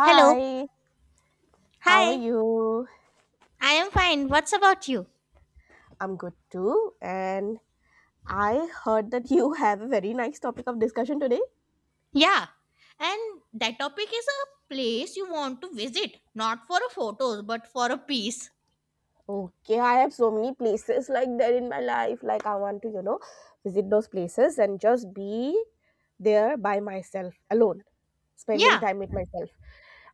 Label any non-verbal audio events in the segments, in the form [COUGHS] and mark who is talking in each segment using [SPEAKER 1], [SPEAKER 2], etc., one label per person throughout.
[SPEAKER 1] Hello.
[SPEAKER 2] how are
[SPEAKER 1] Hi.
[SPEAKER 2] you?
[SPEAKER 1] I am fine. What's about you?
[SPEAKER 2] I'm good too. And I heard that you [LAUGHS] have a very nice topic of discussion today.
[SPEAKER 1] Yeah. And that topic is a place you want to visit, not for a photos, but for a peace.
[SPEAKER 2] Okay, I have so many places like that in my life. Like, I want to, visit those places and just be there by myself, alone, spending
[SPEAKER 1] Yeah.
[SPEAKER 2] time with myself.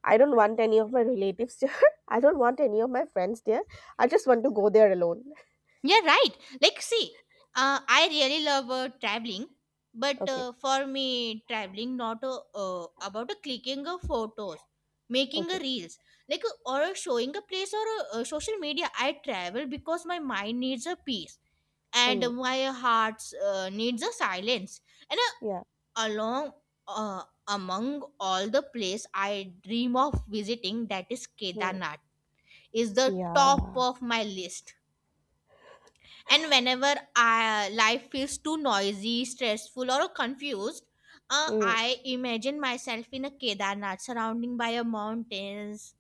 [SPEAKER 2] I don't want any of my relatives [LAUGHS] there. I don't want any of my friends there. I just want to go there alone. [LAUGHS]
[SPEAKER 1] Yeah, right. Like, see, I really love traveling, but
[SPEAKER 2] Okay,
[SPEAKER 1] for me, traveling not about a clicking of photos, making a
[SPEAKER 2] okay.
[SPEAKER 1] reels, like or a showing a place or a, social media. I travel because my mind needs a peace and
[SPEAKER 2] Hmm.
[SPEAKER 1] my heart needs a silence and
[SPEAKER 2] Yeah.
[SPEAKER 1] along among all the place I dream of visiting, that is
[SPEAKER 2] Hmm.
[SPEAKER 1] Kedarnath, is the top
[SPEAKER 2] Yeah.
[SPEAKER 1] of my list. And whenever I, life feels too noisy, stressful, or confused,
[SPEAKER 2] Hmm.
[SPEAKER 1] I imagine myself in a Kedarnath, surrounding by a mountains,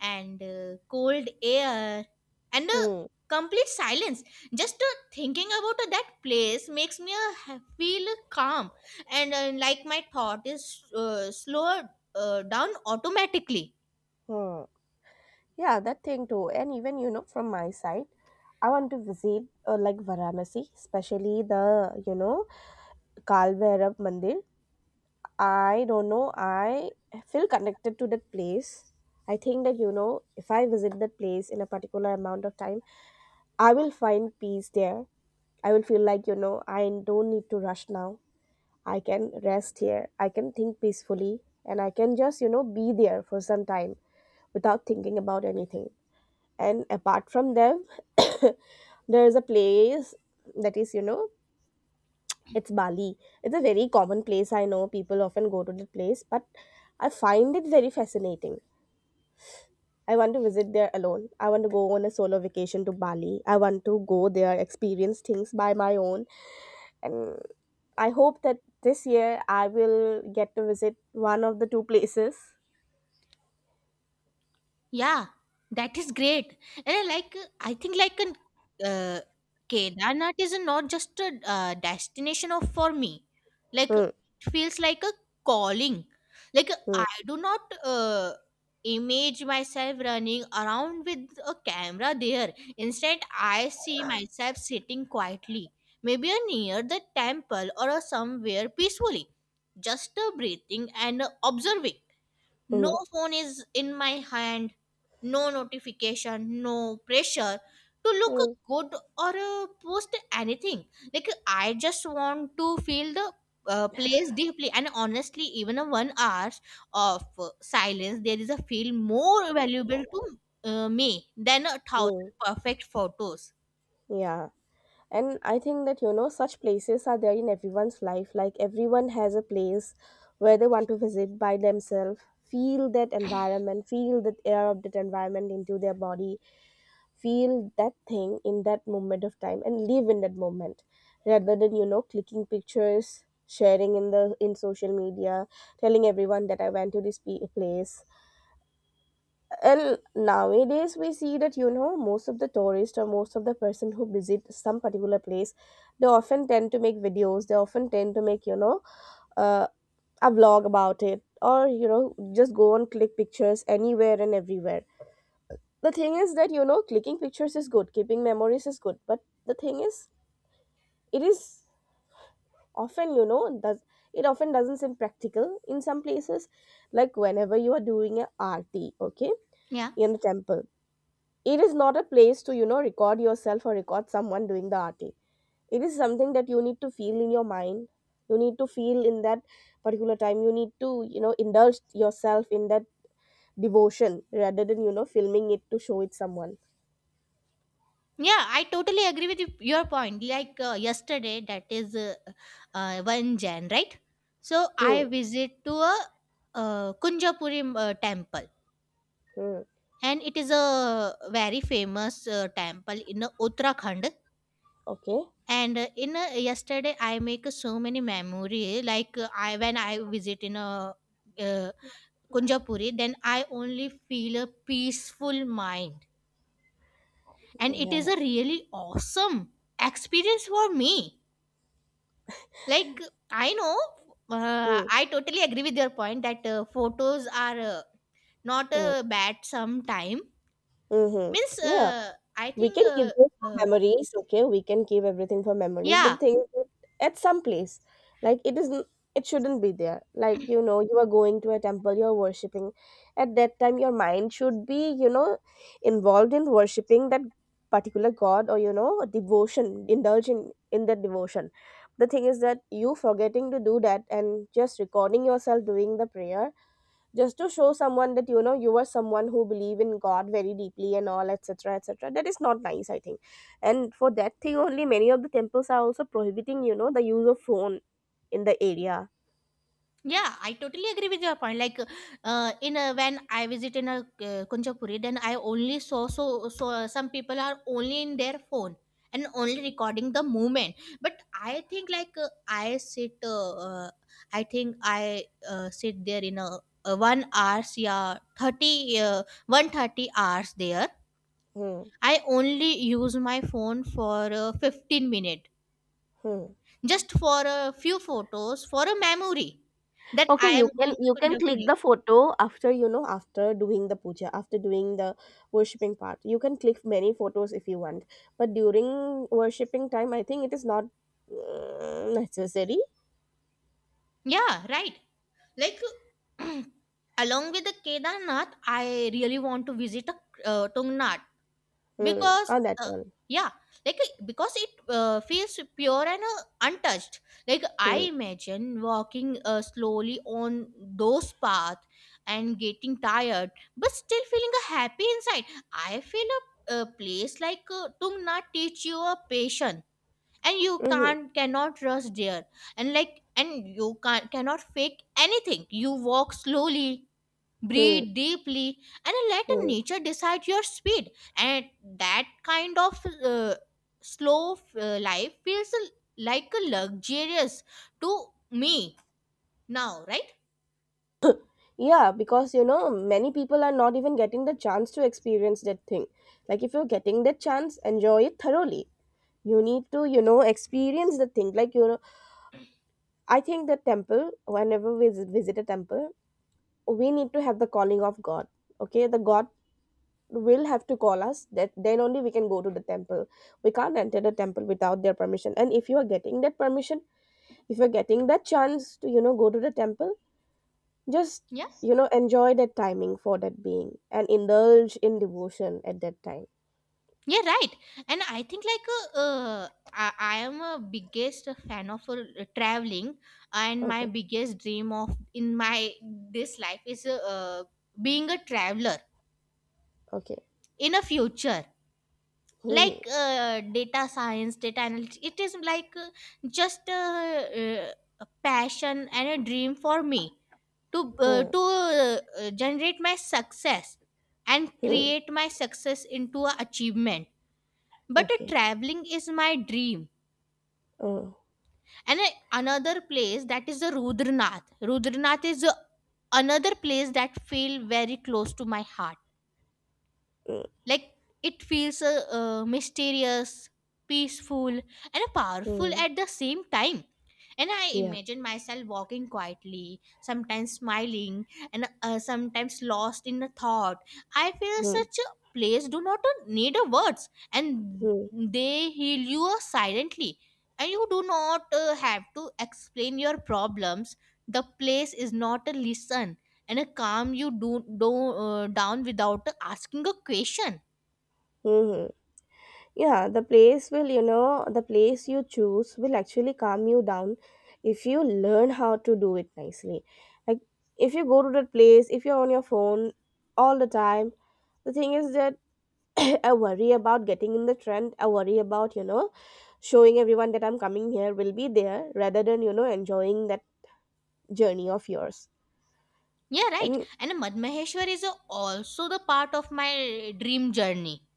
[SPEAKER 1] and cold air and a
[SPEAKER 2] Hmm.
[SPEAKER 1] complete silence just thinking about that place makes me feel calm and like my thought is slower down automatically.
[SPEAKER 2] Hmm. Yeah, that thing too. And even, from my side, I want to visit like Varanasi, especially the, Kal Bhairav Mandir. I don't know. I feel connected to that place. I think that, if I visit that place in a particular amount of time, I will find peace there. I will feel like, I don't need to rush now. I can rest here. I can think peacefully. And I can just, be there for some time without thinking about anything, and apart from them, [COUGHS] there is a place that is you know it's Bali. It's a very common place. I know people often go to the place, but I find it very fascinating. I want to visit there alone. I want to go on a solo vacation to Bali. I want to go there, experience things by my own. And I hope that this year I will get to visit one of the two places.
[SPEAKER 1] Yeah, that is great. And I like, I think like an uh, Kedarnath is not just a destination of for me. Like it
[SPEAKER 2] Hmm,
[SPEAKER 1] feels like a calling. Like
[SPEAKER 2] hmm,
[SPEAKER 1] I do not image myself running around with a camera there. Instead, I see myself sitting quietly, maybe near the temple or somewhere peacefully, just breathing and observing. No
[SPEAKER 2] hmm,
[SPEAKER 1] phone is in my hand, no notification, no pressure to look
[SPEAKER 2] hmm,
[SPEAKER 1] good or post anything. Like I just want to feel the place deeply, and honestly, even a 1 hour of silence, there is a feel more valuable to me than a thousand
[SPEAKER 2] hmm. Hmm.
[SPEAKER 1] perfect photos.
[SPEAKER 2] Yeah. And I think that, such places are there in everyone's life. Like, everyone has a place where they want to visit by themselves, feel that environment, feel the air of that environment into their body, feel that thing in that moment of time, and live in that moment, rather than clicking pictures, sharing in the in social media, telling everyone that I went to this place. And nowadays we see that, most of the tourists or most of the person who visit some particular place, they often tend to make videos. They often tend to make, uh, a vlog about it, or just go and click pictures anywhere and everywhere. The thing is that, clicking pictures is good, keeping memories is good, but the thing is, it is often, does it often doesn't seem practical in some places, like whenever you are doing a RT, okay,
[SPEAKER 1] Yeah.
[SPEAKER 2] in the temple, it is not a place to record yourself or record someone doing the arting. It is something that you need to feel in your mind. You need to feel in that particular time. You need to indulge yourself in that devotion, rather than filming it to show it someone.
[SPEAKER 1] Yeah, I totally agree with you, your point. Like yesterday, that is 1 Jan, right? So
[SPEAKER 2] Hmm,
[SPEAKER 1] I visit to a Kunjapuri temple
[SPEAKER 2] hmm.
[SPEAKER 1] and it is a very famous temple in Uttarakhand.
[SPEAKER 2] Okay.
[SPEAKER 1] And in yesterday, I make so many memory. Like I when I visit in a uh, Kunjapuri, then I only feel a peaceful mind, and it is
[SPEAKER 2] Yeah.
[SPEAKER 1] a really awesome experience for me. Like, I know,
[SPEAKER 2] Hmm,
[SPEAKER 1] I totally agree with your point that photos are not
[SPEAKER 2] hmm.
[SPEAKER 1] bad sometime.
[SPEAKER 2] Hmm, hmm.
[SPEAKER 1] Means,
[SPEAKER 2] Yeah.
[SPEAKER 1] I
[SPEAKER 2] We
[SPEAKER 1] think,
[SPEAKER 2] can keep this for
[SPEAKER 1] uh,
[SPEAKER 2] memories. Okay, we can keep everything for memories,
[SPEAKER 1] yeah.
[SPEAKER 2] but the thing is that at some place, like, it isn't, it shouldn't be there. Like, you are going to a temple, you're worshiping, at that time your mind should be, involved in worshiping that particular god, or devotion, indulging in that devotion. The thing is that you forgetting to do that and just recording yourself doing the prayer, just to show someone that, you are someone who believe in god very deeply and all, etc etc. That is not nice, I think. And for that thing only, many of the temples are also prohibiting, the use of phone in the area.
[SPEAKER 1] Yeah, I totally agree with your point. Like, in a, when I visit in a Kunchapuri, then I only saw so some people are only in their phone and only recording the movement. But I think like I sit, I think I sit there in a 1 hours, yeah, 30, 1:30 hours there.
[SPEAKER 2] Hmm.
[SPEAKER 1] I only use my phone for 15 minute,
[SPEAKER 2] Hmm.
[SPEAKER 1] just for a few photos for a memory that
[SPEAKER 2] Okay,
[SPEAKER 1] I
[SPEAKER 2] you
[SPEAKER 1] am
[SPEAKER 2] can
[SPEAKER 1] going to
[SPEAKER 2] you can click
[SPEAKER 1] Kunjapuri.
[SPEAKER 2] the photo after, after doing the puja, after doing the worshipping part. You can click many photos if you want, but during worshipping time, I think it is not necessary.
[SPEAKER 1] Yeah, right. Like [CLEARS THROAT] along with the Kedarnath, I really want to visit a Tungnath
[SPEAKER 2] Hmm.
[SPEAKER 1] because
[SPEAKER 2] On that one.
[SPEAKER 1] yeah, like because it feels pure and untouched. Like I
[SPEAKER 2] Hmm.
[SPEAKER 1] imagine walking slowly on those paths and getting tired, but still feeling happy inside. I feel a place like Tungnath teach you a patience and you
[SPEAKER 2] Hmm,
[SPEAKER 1] can't cannot rush there and like and you cannot fake anything. You walk slowly,
[SPEAKER 2] hmm.
[SPEAKER 1] breathe deeply, and let
[SPEAKER 2] Mm.
[SPEAKER 1] nature decide your speed and that kind of uh, slow life feels like a luxurious to me now, right?
[SPEAKER 2] Yeah, because, many people are not even getting the chance to experience that thing. Like, if you're getting that chance, enjoy it thoroughly. You need to, experience the thing. Like, I think the temple, whenever we visit a temple, we need to have the calling of God. Okay, the God will have to call us, that then only we can go to the temple. We can't enter the temple without their permission. And if you are getting that permission, if you're getting that chance to, go to the temple, just,
[SPEAKER 1] Yeah.
[SPEAKER 2] enjoy that timing for that being and indulge in devotion at that time.
[SPEAKER 1] Yeah, right. And I think like I am a biggest fan of traveling, and my
[SPEAKER 2] Okay.
[SPEAKER 1] biggest dream of in my this life is being a traveler
[SPEAKER 2] Okay.
[SPEAKER 1] in a future.
[SPEAKER 2] Hmm,
[SPEAKER 1] Like data science, data analytics, it is like just uh, a passion and a dream for me to uh,
[SPEAKER 2] hmm,
[SPEAKER 1] to uh, uh, generate my success and
[SPEAKER 2] hmm, hmm.
[SPEAKER 1] create my success into a achievement. But
[SPEAKER 2] Okay.
[SPEAKER 1] traveling is my dream.
[SPEAKER 2] Oh.
[SPEAKER 1] And a, another place that is the Rudranath. Rudranath is a, another place that feel very close to my heart.
[SPEAKER 2] Mm,
[SPEAKER 1] Like it feels mysterious, peaceful, and powerful
[SPEAKER 2] hmm.
[SPEAKER 1] at the same time. And I
[SPEAKER 2] Yeah.
[SPEAKER 1] imagine myself walking quietly, sometimes smiling, and sometimes lost in a thought. I feel
[SPEAKER 2] Hmm,
[SPEAKER 1] such a place do not need a words, and
[SPEAKER 2] hmm,
[SPEAKER 1] they heal you silently. And you do not have to explain your problems. The place is not a listen and a calm you do, down without asking a question.
[SPEAKER 2] hmm, hmm. Yeah. The place will, the place you choose will actually calm you down if you learn how to do it nicely. Like, if you go to that place, if you're on your phone all the time, the thing is that [COUGHS] [CLEARS THROAT] I worry about getting in the trend. I worry about, showing everyone that I'm coming here will be there, rather than, enjoying that journey of yours.
[SPEAKER 1] Yeah, right.
[SPEAKER 2] And
[SPEAKER 1] And Madmaheshwar is also the part of my dream journey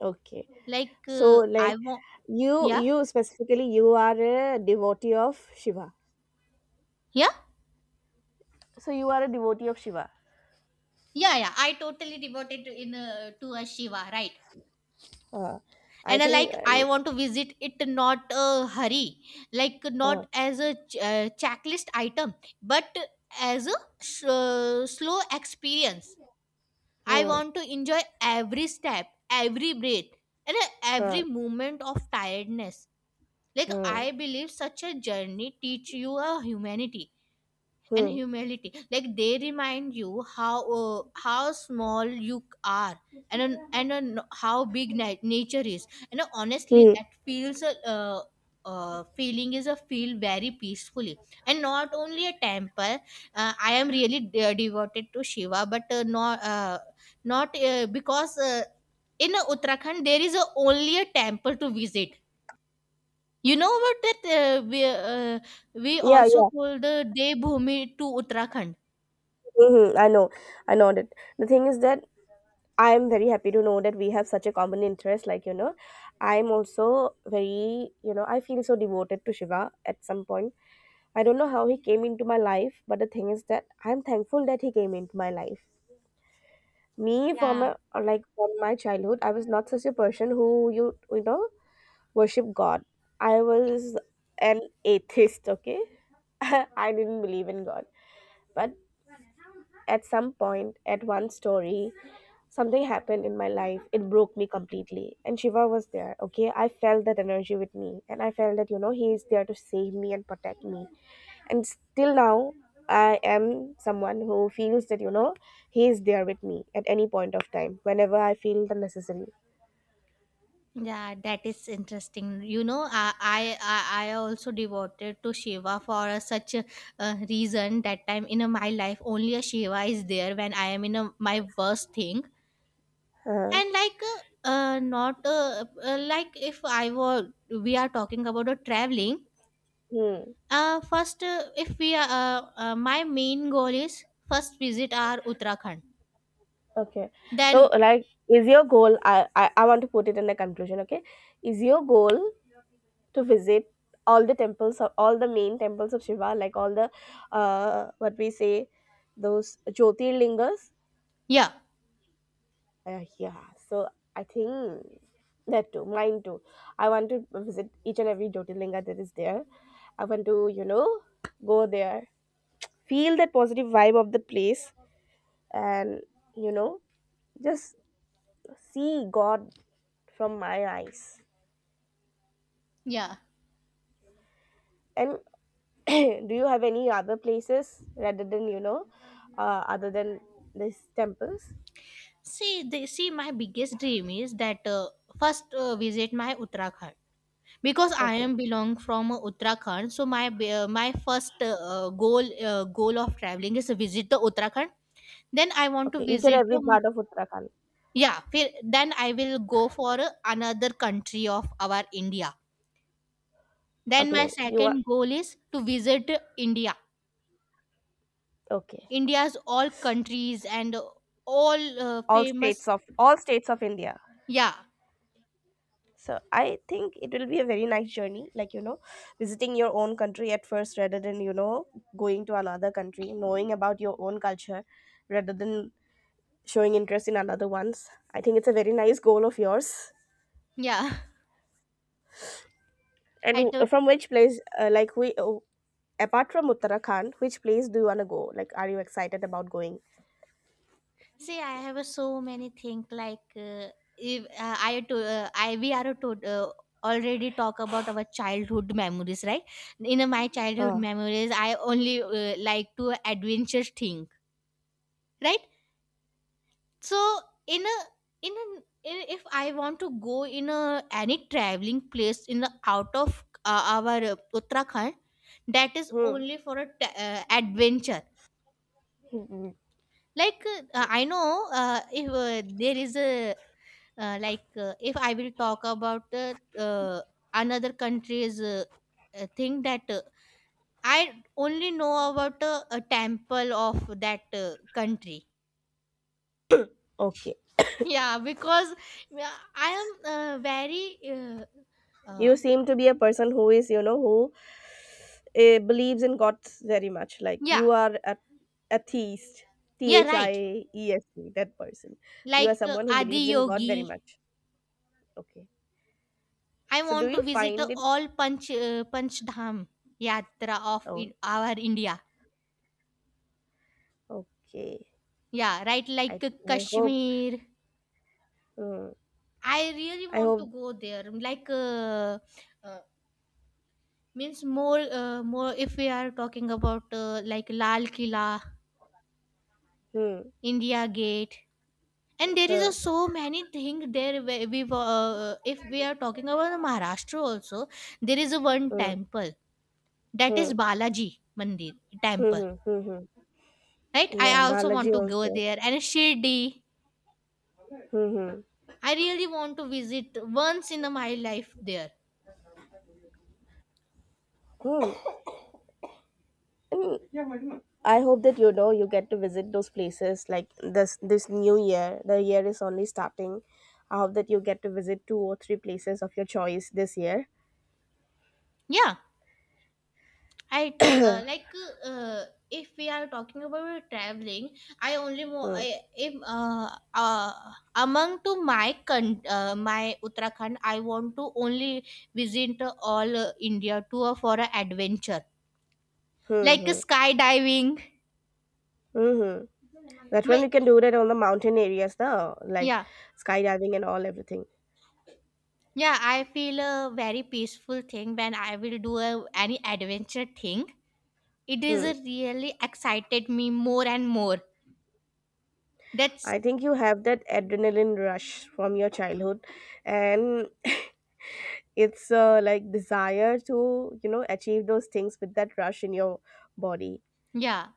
[SPEAKER 2] okay.
[SPEAKER 1] like
[SPEAKER 2] So, like,
[SPEAKER 1] I want.
[SPEAKER 2] you
[SPEAKER 1] Yeah,
[SPEAKER 2] you specifically, you are a devotee of Shiva.
[SPEAKER 1] yeah,
[SPEAKER 2] So you are a devotee of Shiva.
[SPEAKER 1] yeah, yeah. I totally devoted to- in to a Shiva, right?
[SPEAKER 2] Uh, I
[SPEAKER 1] And I
[SPEAKER 2] think
[SPEAKER 1] like I want to visit it not a hurry, like
[SPEAKER 2] uh,
[SPEAKER 1] not as a checklist item, but as a slow experience. I
[SPEAKER 2] hmm,
[SPEAKER 1] want to enjoy every step, every breath, and
[SPEAKER 2] hmm,
[SPEAKER 1] every moment of tiredness. Like
[SPEAKER 2] hmm,
[SPEAKER 1] I believe such a journey teach you a humanity and
[SPEAKER 2] hmm,
[SPEAKER 1] humility, like they remind you how small you are and how big nature is, and honestly
[SPEAKER 2] hmm.
[SPEAKER 1] that feels a feeling is a feel very peacefully. And not only a temple, I am really devoted to Shiva but not not because in Uttarakhand there is a, only a temple to visit. You know what, that uh, we
[SPEAKER 2] Yeah,
[SPEAKER 1] also
[SPEAKER 2] yeah.
[SPEAKER 1] call the Devbhoomi to Uttarakhand.
[SPEAKER 2] Hmm, I know that. The thing is that I'm very happy to know that we have such a common interest. Like, I'm also very, I feel so devoted to Shiva at some point. I don't know how he came into my life, but the thing is that I'm thankful that he came into my life. Me, from
[SPEAKER 1] Yeah,
[SPEAKER 2] a, like from my childhood, I was not such a person who you you know worship God. I was an atheist. Okay, [LAUGHS] I didn't believe in God, but at some point, at one story, something happened in my life. It broke me completely. And Shiva was there, okay? I felt that energy with me. And I felt that, he is there to save me and protect me. And still now, I am someone who feels that, he is there with me at any point of time, whenever I feel the necessary.
[SPEAKER 1] yeah, that is interesting. You know, I also devoted to Shiva for a, such a, reason that time in a, my life only a Shiva is there when I am in a, my worst thing.
[SPEAKER 2] Uh-huh.
[SPEAKER 1] And like not like if I were we are talking about a traveling.
[SPEAKER 2] Hmm.
[SPEAKER 1] First if we are my main goal is first visit our Uttarakhand.
[SPEAKER 2] Okay. So,
[SPEAKER 1] Then
[SPEAKER 2] like, is your goal? I want to put it in a conclusion. Okay, is your goal to visit all the temples, of all the main temples of Shiva, like all the, what we say, those Jyotirlingas.
[SPEAKER 1] yeah,
[SPEAKER 2] Yeah, so I think that too, mine too. I want to visit each and every Jyotirlinga that is there. I want to, go there, feel that positive vibe of the place, and, you know, just see God from my eyes.
[SPEAKER 1] yeah.
[SPEAKER 2] And [COUGHS] [CLEARS THROAT] do you have any other places rather than, other than these temples?
[SPEAKER 1] See, they see my biggest dream is that first visit my Uttarakhand because I
[SPEAKER 2] Okay.
[SPEAKER 1] am belong from Uttarakhand. So my my first goal of traveling is to visit the Uttarakhand. Then I want to
[SPEAKER 2] Okay, each and
[SPEAKER 1] visit
[SPEAKER 2] every part of Uttarakhand.
[SPEAKER 1] yeah. Then I will go for another country of our India. Then my
[SPEAKER 2] Okay, you are.
[SPEAKER 1] second goal is to visit India.
[SPEAKER 2] Okay,
[SPEAKER 1] India's all countries and all
[SPEAKER 2] all states
[SPEAKER 1] famous
[SPEAKER 2] of all states of India.
[SPEAKER 1] yeah
[SPEAKER 2] So I think it will be a very nice journey. Like, visiting your own country at first rather than, going to another country, knowing about your own culture, rather than showing interest in another ones. I think it's a very nice goal of yours.
[SPEAKER 1] yeah. [LAUGHS]
[SPEAKER 2] And
[SPEAKER 1] I totally.
[SPEAKER 2] from which place, like oh, apart from Uttarakhand, which place do you wanna go? Like, are you excited about going?
[SPEAKER 1] See, I have a so many things like if I we are to already talk about our childhood memories, right? In my childhood
[SPEAKER 2] Huh.
[SPEAKER 1] memories, I only like to adventure thing, right? So in a in a if I want to go in a any traveling place in the out of our Uttarakhand, that is
[SPEAKER 2] Hmm.
[SPEAKER 1] only for a adventure like I know if there is a like if I will talk about another country's thing that I only know about a temple of that country.
[SPEAKER 2] Okay.
[SPEAKER 1] [LAUGHS] Yeah because I am very uh, uh,
[SPEAKER 2] You seem to be a person who is, who believes in God very much. Like you
[SPEAKER 1] yeah
[SPEAKER 2] are a atheist, T
[SPEAKER 1] yeah
[SPEAKER 2] H
[SPEAKER 1] right
[SPEAKER 2] I E S T, that person. So you are
[SPEAKER 1] like
[SPEAKER 2] someone who
[SPEAKER 1] Adi
[SPEAKER 2] believes in God
[SPEAKER 1] Yogi.
[SPEAKER 2] very much. Okay.
[SPEAKER 1] I
[SPEAKER 2] So do
[SPEAKER 1] want to
[SPEAKER 2] you
[SPEAKER 1] visit uh,
[SPEAKER 2] find it?
[SPEAKER 1] all panch uh, panch dham yatra of in
[SPEAKER 2] Oh,
[SPEAKER 1] our India.
[SPEAKER 2] okay.
[SPEAKER 1] Yeah, right.
[SPEAKER 2] I
[SPEAKER 1] Like
[SPEAKER 2] I hope.
[SPEAKER 1] Kashmir.
[SPEAKER 2] Hmm.
[SPEAKER 1] I really
[SPEAKER 2] I
[SPEAKER 1] want to
[SPEAKER 2] hope.
[SPEAKER 1] go there. Like, uh, means more, more. If we are talking about like Lal Kila,
[SPEAKER 2] Hmm.
[SPEAKER 1] India Gate, and there is
[SPEAKER 2] Huh.
[SPEAKER 1] a so many thing there. Where we, if we are talking about the Maharashtra also, there is a one
[SPEAKER 2] Hmm.
[SPEAKER 1] temple that
[SPEAKER 2] Hmm.
[SPEAKER 1] is Balaji Mandir temple.
[SPEAKER 2] Mm-hmm, mm-hmm.
[SPEAKER 1] Right.
[SPEAKER 2] Yeah,
[SPEAKER 1] I also want
[SPEAKER 2] biology
[SPEAKER 1] to go
[SPEAKER 2] also.
[SPEAKER 1] there and Shirdi.
[SPEAKER 2] Mm-hmm.
[SPEAKER 1] I really want to visit once in my life there.
[SPEAKER 2] Hmm. And I hope that, you get to visit those places like this new year. The year is only starting. I hope that you get to visit two or three places of your choice this year.
[SPEAKER 1] Yeah. I
[SPEAKER 2] [CLEARS THROAT]
[SPEAKER 1] told
[SPEAKER 2] Hmm.
[SPEAKER 1] like uh, if we are talking about traveling, I only I, if among to my my Uttarakhand, I want to only visit all India tour for an adventure, like
[SPEAKER 2] Hmm.
[SPEAKER 1] skydiving.
[SPEAKER 2] Hmm. That
[SPEAKER 1] My,
[SPEAKER 2] one you can do that on the mountain areas, though, like
[SPEAKER 1] yeah,
[SPEAKER 2] skydiving and all everything.
[SPEAKER 1] yeah, I feel a very peaceful thing when I will do a, any adventure thing. It is
[SPEAKER 2] Hmm.
[SPEAKER 1] a really excited me more and more. That's
[SPEAKER 2] I think you have that adrenaline rush from your childhood, and it's like desire to achieve those things with that rush in your body.
[SPEAKER 1] yeah,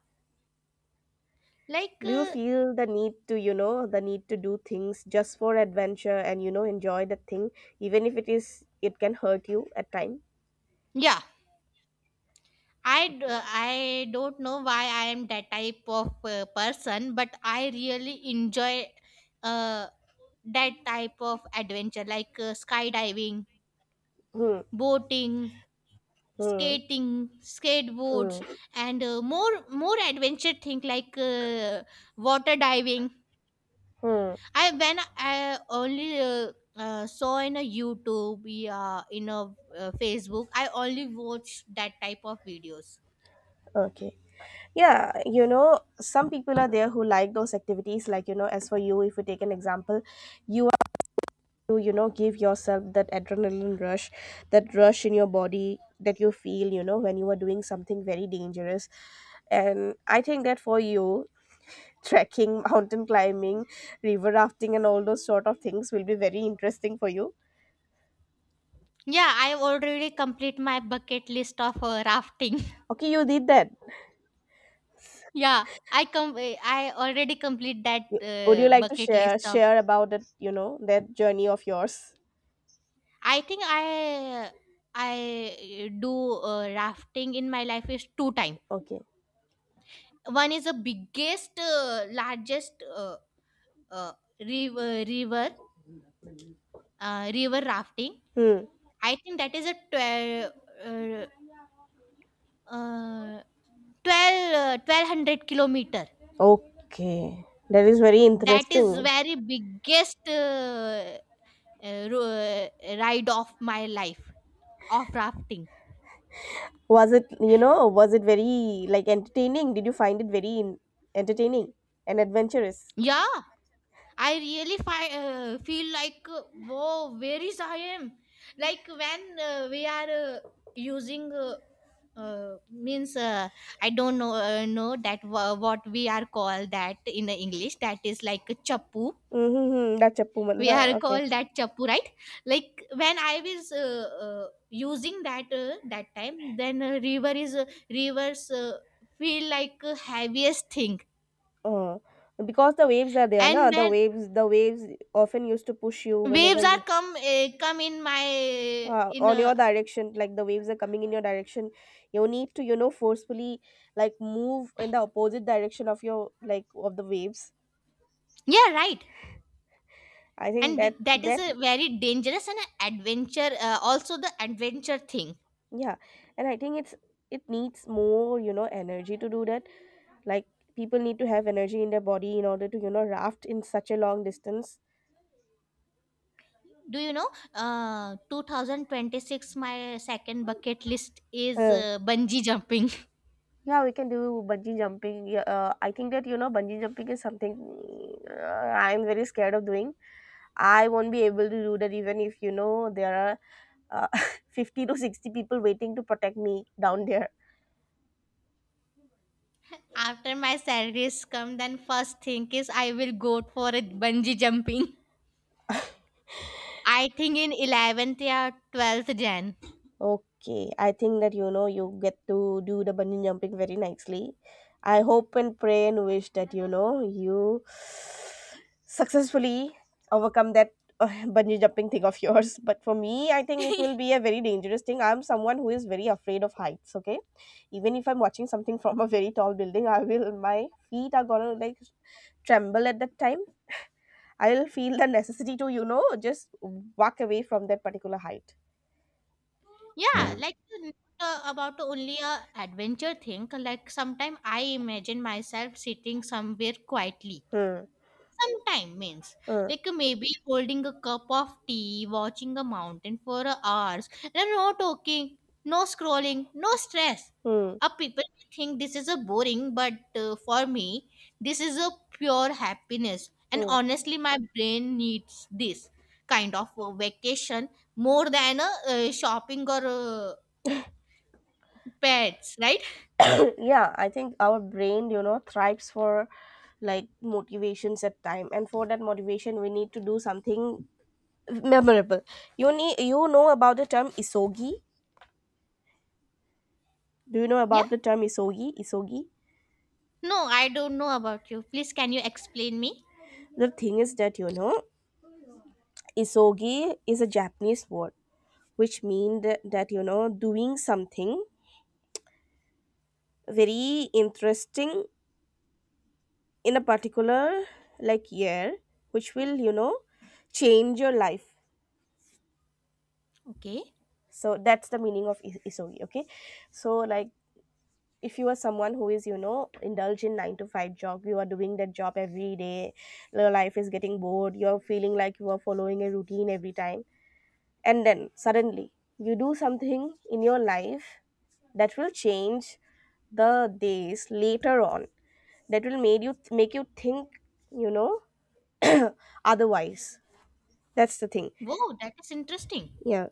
[SPEAKER 1] like
[SPEAKER 2] Do you feel the need to do things just for adventure and enjoy the thing, even if it can hurt you at time?
[SPEAKER 1] yeah. I, d-
[SPEAKER 2] Okay.
[SPEAKER 1] uh, I don't know why I am that type of person, but I really enjoy uh, that type of adventure like skydiving,
[SPEAKER 2] Hmm.
[SPEAKER 1] boating,
[SPEAKER 2] Hmm.
[SPEAKER 1] skating, skateboards,
[SPEAKER 2] Hmm.
[SPEAKER 1] and more more adventure thing like water diving.
[SPEAKER 2] Hmm.
[SPEAKER 1] I when I only saw in a YouTube, yeah, in a Facebook, I only watched that type of videos.
[SPEAKER 2] Okay, yeah, you know, some people are there who like those activities, like, as for you, if we take an example, you, to give yourself that adrenaline rush, that rush in your body, that you feel, when you are doing something very dangerous. And I think that for you, trekking, [LAUGHS] mountain climbing, river rafting and all those sort of things will be very interesting for you.
[SPEAKER 1] Yeah, I already complete my bucket list of rafting.
[SPEAKER 2] Okay, you did that.
[SPEAKER 1] [LAUGHS] Yeah, I already complete that
[SPEAKER 2] You- would you like to
[SPEAKER 1] bucket
[SPEAKER 2] share
[SPEAKER 1] list of.
[SPEAKER 2] share about that, that journey of yours?
[SPEAKER 1] I think I do rafting in my life is 2 time.
[SPEAKER 2] Okay.
[SPEAKER 1] One is the biggest, largest uh, river river river rafting.
[SPEAKER 2] Hmm.
[SPEAKER 1] I think that is a 12 uh, uh, 12, 1200 kilometer.
[SPEAKER 2] Okay, that is very
[SPEAKER 1] That is
[SPEAKER 2] interesting.
[SPEAKER 1] very biggest. Uh, ro- ride of my life of rafting.
[SPEAKER 2] Was it very, like, entertaining? Did you find it very entertaining and adventurous?
[SPEAKER 1] Yeah, I really feel like whoa, where is I am, like when we are using, means, I don't know that what we are called that in the english, that is like a chappu.
[SPEAKER 2] Mm-hmm. That's a
[SPEAKER 1] We are
[SPEAKER 2] Pumanda. Okay.
[SPEAKER 1] called that chappu, right? Like when I was using that, that time, then river is, rivers, feel like heaviest thing.
[SPEAKER 2] Uh, because the waves are there, na?
[SPEAKER 1] And
[SPEAKER 2] The
[SPEAKER 1] when
[SPEAKER 2] waves, the waves often used to push you whenever
[SPEAKER 1] waves are
[SPEAKER 2] you,
[SPEAKER 1] come in my, in
[SPEAKER 2] on
[SPEAKER 1] a.
[SPEAKER 2] your direction. Like, the waves are coming in your direction, you need to, forcefully, like, move in the opposite direction of your like of the waves.
[SPEAKER 1] Yeah, right.
[SPEAKER 2] I think
[SPEAKER 1] And
[SPEAKER 2] that
[SPEAKER 1] that is
[SPEAKER 2] that
[SPEAKER 1] a very dangerous and adventure, also the adventure thing.
[SPEAKER 2] Yeah, and I think it needs more, energy to do that. Like, people need to have energy in their body in order to, raft in such a long distance.
[SPEAKER 1] Do you know, 2026 my second bucket list is
[SPEAKER 2] Huh.
[SPEAKER 1] bungee jumping.
[SPEAKER 2] Yeah, we can do bungee jumping. Yeah, I think that, bungee jumping is something, uh, I'm very scared of doing. I won't be able to do that, even if there are, uh, [LAUGHS] 50 to 60 people waiting to protect me down there.
[SPEAKER 1] After my salaries come, then first thing is I will go for a bungee jumping. I think in 11th or 12th Jan.
[SPEAKER 2] Okay, I think that, you get to do the bungee jumping very nicely. I hope and pray and wish that, you successfully overcome that, uh, [LAUGHS] bungee jumping thing of yours. [LAUGHS] But for me, I think it will be a very dangerous thing. I'm someone who is very afraid of heights, okay? Even if I'm watching something [LAUGHS] from a very tall building, I will my feet are gonna, like, tremble at that time. I will feel the necessity to, just walk away from that particular height.
[SPEAKER 1] Yeah, like not, about only a adventure thing. Like sometime I imagine myself sitting somewhere quietly.
[SPEAKER 2] Hmm.
[SPEAKER 1] Sometime means
[SPEAKER 2] Hmm.
[SPEAKER 1] like maybe holding a cup of tea, watching a mountain for a hours, and no talking, no scrolling, no stress.
[SPEAKER 2] Hmm.
[SPEAKER 1] People may think this is a boring, but for me, this is a pure happiness. And
[SPEAKER 2] Mm.
[SPEAKER 1] honestly, my brain needs this kind of a vacation more than a shopping or pets, right?
[SPEAKER 2] [CLEARS THROAT] Yeah, I think our brain, thrives for, like, motivations at time, and for that motivation, we need to do something memorable. You need, about the term isogi. Do you know
[SPEAKER 1] Yeah.
[SPEAKER 2] about the term isogi? Isogi.
[SPEAKER 1] No, I don't know about you. Please, can you explain me?
[SPEAKER 2] The thing is that, isogi is a Japanese word, which means that doing something very interesting in a particular, like, year, which will, change your life.
[SPEAKER 1] Okay.
[SPEAKER 2] So that's the meaning of isogi, okay? So, like, if you are someone who is, indulge in 9 to 5 job, you are doing that job every day, your life is getting bored, you're feeling like you are following a routine every time, and then suddenly you do something in your life that will change the days later on, that will make you think, you know [COUGHS] [CLEARS THROAT] otherwise. That's the thing.
[SPEAKER 1] Wow, that is interesting.
[SPEAKER 2] Yeah.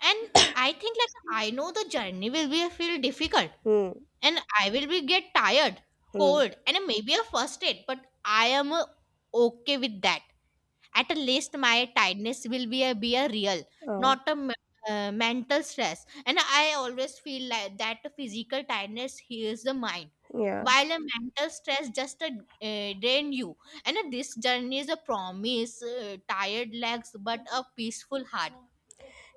[SPEAKER 1] And I think like I know the journey will be feel difficult,
[SPEAKER 2] Hmm.
[SPEAKER 1] and I will be get tired,
[SPEAKER 2] Hmm.
[SPEAKER 1] cold, and maybe a first aid, but I am okay with that. At least my tiredness will be a real,
[SPEAKER 2] Oh,
[SPEAKER 1] not a mental stress. And I always feel like that physical tiredness heals the mind,
[SPEAKER 2] yeah.
[SPEAKER 1] while a mental stress just drain you. And this journey is a promise, tired legs, but a peaceful heart.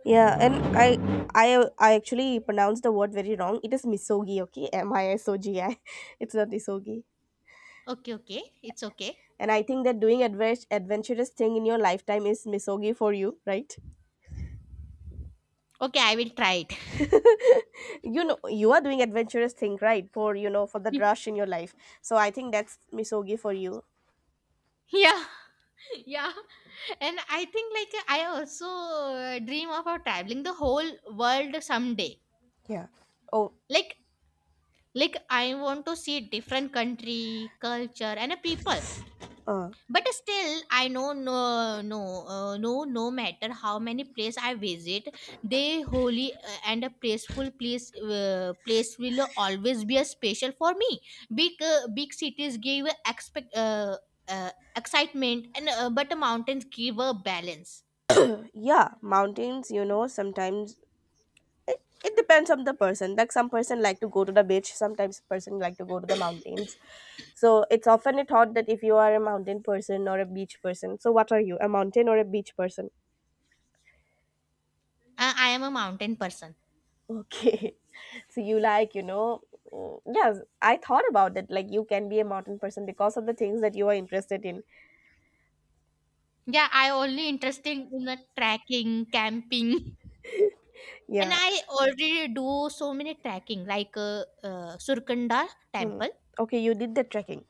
[SPEAKER 2] Yeah, and I actually pronounced the word very wrong. It is misogi, okay? Misogi. [LAUGHS] It's not isogi.
[SPEAKER 1] Okay, okay, it's okay.
[SPEAKER 2] And I think that doing adventurous thing in your lifetime is misogi for you, right?
[SPEAKER 1] Okay, I will try it. [LAUGHS]
[SPEAKER 2] You know, you are doing adventurous thing, right? For the rush in your life. So I think that's misogi for you.
[SPEAKER 1] Yeah, yeah. And I think like I also dream of traveling the whole world someday.
[SPEAKER 2] Yeah. Oh,
[SPEAKER 1] Like like I want to see different country, culture and a people.
[SPEAKER 2] uh,
[SPEAKER 1] But still I know, no, no, no, no matter how many place I visit, they holy and a peaceful place will always be a special for me. Big cities give expect excitement and but mountains give a balance.
[SPEAKER 2] yeah. Mountains. Sometimes it depends on the person. Like, some person like to go to the beach, sometimes person like to go to the mountains. So it's often a thought that if you are a mountain person or a beach person. So what are you, a mountain or a beach person?
[SPEAKER 1] I am a mountain person.
[SPEAKER 2] Okay. [LAUGHS] So you, like, yes, I thought about it, like, you can be a mountain person because of the things that you are interested in.
[SPEAKER 1] Yeah, I only interested in the trekking, camping. [LAUGHS] And
[SPEAKER 2] Yeah.
[SPEAKER 1] I already do so many trekking, like surkanda
[SPEAKER 2] Hmm.
[SPEAKER 1] temple.
[SPEAKER 2] Okay, you did the trekking.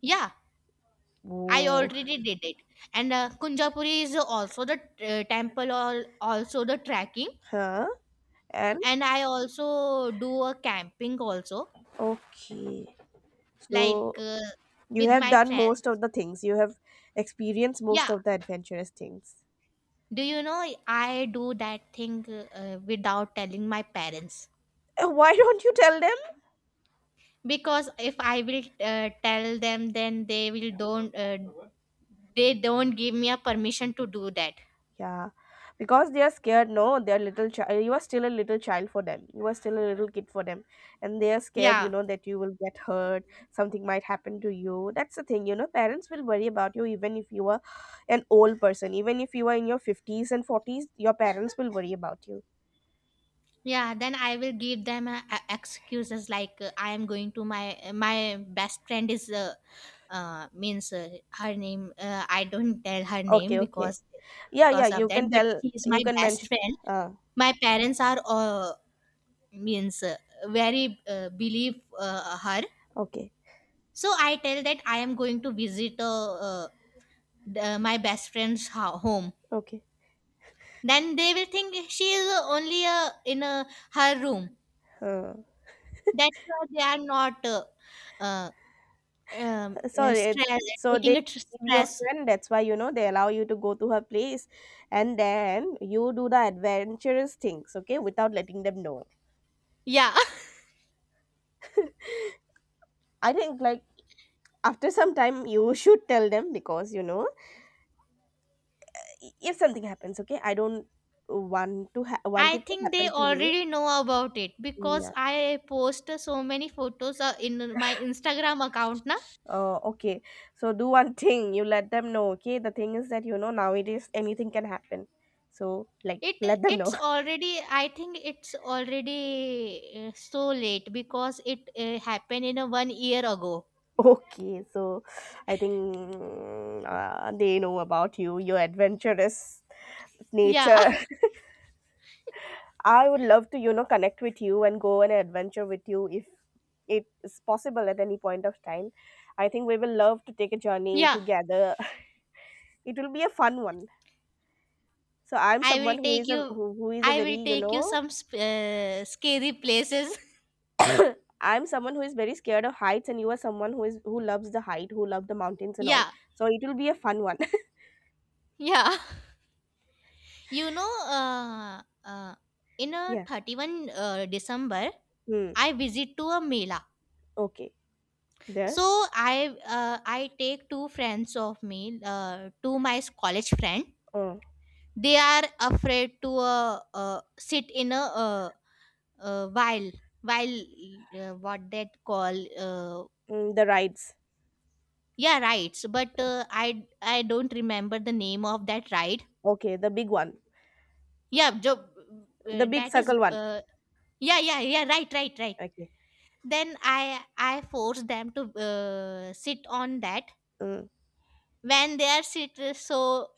[SPEAKER 1] Yeah, I
[SPEAKER 2] Ooh.
[SPEAKER 1] already did it. And Kunjapuri is also the temple, or also the trekking.
[SPEAKER 2] Huh. And
[SPEAKER 1] And I also do a camping also,
[SPEAKER 2] okay.
[SPEAKER 1] like
[SPEAKER 2] So you
[SPEAKER 1] with
[SPEAKER 2] have
[SPEAKER 1] my
[SPEAKER 2] done most of
[SPEAKER 1] friends.
[SPEAKER 2] the things. You have experienced most
[SPEAKER 1] Yeah.
[SPEAKER 2] of the adventurous things.
[SPEAKER 1] Do you know I do that thing without telling my parents?
[SPEAKER 2] Why don't you tell them?
[SPEAKER 1] Because if I will tell them, then they will don't give me a permission to do that.
[SPEAKER 2] Yeah, because they are scared. No, they are little child. You are still a little child for them. You are still a little kid for them, and they are scared. You
[SPEAKER 1] Yeah,
[SPEAKER 2] know that you will get hurt. Something might happen to you. That's the thing. You know, parents will worry about you even if you are an old person. Even if you are in your fifties and forties, your parents will worry about you.
[SPEAKER 1] yeah, then I will give them excuses like I am going to my best friend is, means her name I don't tell her name
[SPEAKER 2] Okay, okay.
[SPEAKER 1] because
[SPEAKER 2] Yeah, yeah.
[SPEAKER 1] because of
[SPEAKER 2] You
[SPEAKER 1] that,
[SPEAKER 2] can
[SPEAKER 1] but
[SPEAKER 2] tell.
[SPEAKER 1] she is
[SPEAKER 2] You
[SPEAKER 1] my
[SPEAKER 2] can
[SPEAKER 1] best
[SPEAKER 2] mention.
[SPEAKER 1] friend.
[SPEAKER 2] Uh,
[SPEAKER 1] My parents are, means very believe her,
[SPEAKER 2] okay,
[SPEAKER 1] so I tell that I am going to visit, the, my best friend's home.
[SPEAKER 2] okay.
[SPEAKER 1] Then they will think she is only in her room.
[SPEAKER 2] Huh.
[SPEAKER 1] That's why they are not, uh,
[SPEAKER 2] Sorry,
[SPEAKER 1] stress,
[SPEAKER 2] so they,
[SPEAKER 1] taking it
[SPEAKER 2] your
[SPEAKER 1] stress.
[SPEAKER 2] friend, that's why, they allow you to go to her place, and then you do the adventurous things, okay, without letting them know.
[SPEAKER 1] Yeah,
[SPEAKER 2] I think, like, after [LAUGHS] some time you should tell them because if something happens, okay, I don't want to ha-
[SPEAKER 1] [LAUGHS]
[SPEAKER 2] want
[SPEAKER 1] I
[SPEAKER 2] it to
[SPEAKER 1] think they
[SPEAKER 2] happen to you.
[SPEAKER 1] already know about it
[SPEAKER 2] Yeah.
[SPEAKER 1] because I post so many photos in my Instagram account, na.
[SPEAKER 2] Oh, okay. So do one [LAUGHS] thing, you let them know, okay? The thing is that, nowadays anything can happen, so like,
[SPEAKER 1] it
[SPEAKER 2] let them know.
[SPEAKER 1] it's already. I think it's already so late because it happened in a one year ago.
[SPEAKER 2] Okay, so I think, they know about you, your adventurous
[SPEAKER 1] Yeah,
[SPEAKER 2] nature. [LAUGHS] I would love to, connect with you and go on an adventure with you if it is possible at any point of time. I think we will love to take a journey
[SPEAKER 1] [LAUGHS] yeah.
[SPEAKER 2] together. [LAUGHS] It will be a fun one. So I'm
[SPEAKER 1] I
[SPEAKER 2] someone
[SPEAKER 1] will
[SPEAKER 2] who
[SPEAKER 1] take
[SPEAKER 2] is a
[SPEAKER 1] you.
[SPEAKER 2] who is a
[SPEAKER 1] I
[SPEAKER 2] very,
[SPEAKER 1] will take you some scary places. [LAUGHS]
[SPEAKER 2] [COUGHS] I'm someone who is very scared of heights, and you are someone who loves the height, who love the mountains and all.
[SPEAKER 1] Yeah,
[SPEAKER 2] So it will be a fun one.
[SPEAKER 1] yeah. You know, uh, in a
[SPEAKER 2] [LAUGHS] Yeah.
[SPEAKER 1] 31st December,
[SPEAKER 2] Hmm.
[SPEAKER 1] I visit to a Mela.
[SPEAKER 2] Okay. There?
[SPEAKER 1] So I, I take two friends of me, two my college friend.
[SPEAKER 2] Oh,
[SPEAKER 1] They are afraid to sit in a, uh, while while what that call,
[SPEAKER 2] the rides.
[SPEAKER 1] yeah, rides. But I don't remember the name of that ride.
[SPEAKER 2] Okay, the big one.
[SPEAKER 1] Yeah,
[SPEAKER 2] The big
[SPEAKER 1] that is,
[SPEAKER 2] circle one.
[SPEAKER 1] yeah yeah yeah, right right right.
[SPEAKER 2] Okay.
[SPEAKER 1] Then I force them to sit on that.
[SPEAKER 2] Mm.
[SPEAKER 1] When they are sit, so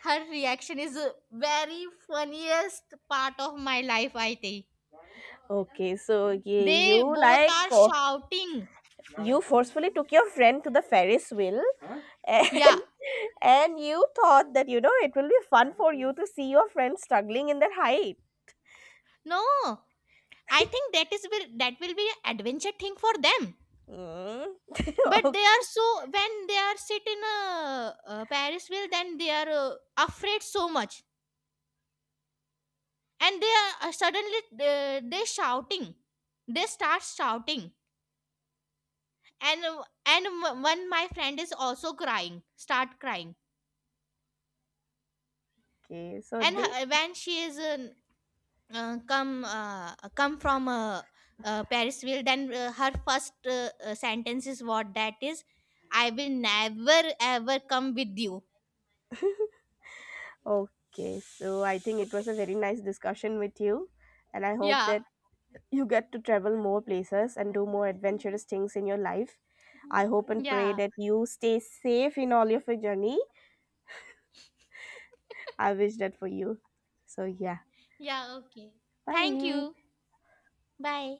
[SPEAKER 1] her reaction is a very funniest part of my life, I think.
[SPEAKER 2] Okay, so yeah,
[SPEAKER 1] They
[SPEAKER 2] you,
[SPEAKER 1] both are shouting.
[SPEAKER 2] forcefully took your friend to the Ferris wheel,
[SPEAKER 1] Yeah,
[SPEAKER 2] and [LAUGHS] and you thought that, it will be fun for you to see your friend struggling in that height.
[SPEAKER 1] no, I think that is will, that will be an adventure thing for them.
[SPEAKER 2] Mm.
[SPEAKER 1] But they are
[SPEAKER 2] [LAUGHS]
[SPEAKER 1] so, when they are sit in a, parisville, then they are afraid so much. And they are suddenly they shouting, they start shouting. And one my friend is also crying, start crying.
[SPEAKER 2] okay, so
[SPEAKER 1] And
[SPEAKER 2] they
[SPEAKER 1] when she is, come from, Parisville, then her first, sentence is what that is. I will never ever come with you.
[SPEAKER 2] okay, so I think it was a very nice discussion with you, and I hope
[SPEAKER 1] Yeah,
[SPEAKER 2] that you get to travel more places and do more adventurous things in your life. I hope and pray
[SPEAKER 1] yeah,
[SPEAKER 2] that you stay safe in all of your journey.
[SPEAKER 1] [LAUGHS]
[SPEAKER 2] I wish that for you. So, yeah,
[SPEAKER 1] yeah. Okay. Thank you.
[SPEAKER 2] bye.
[SPEAKER 1] Bye.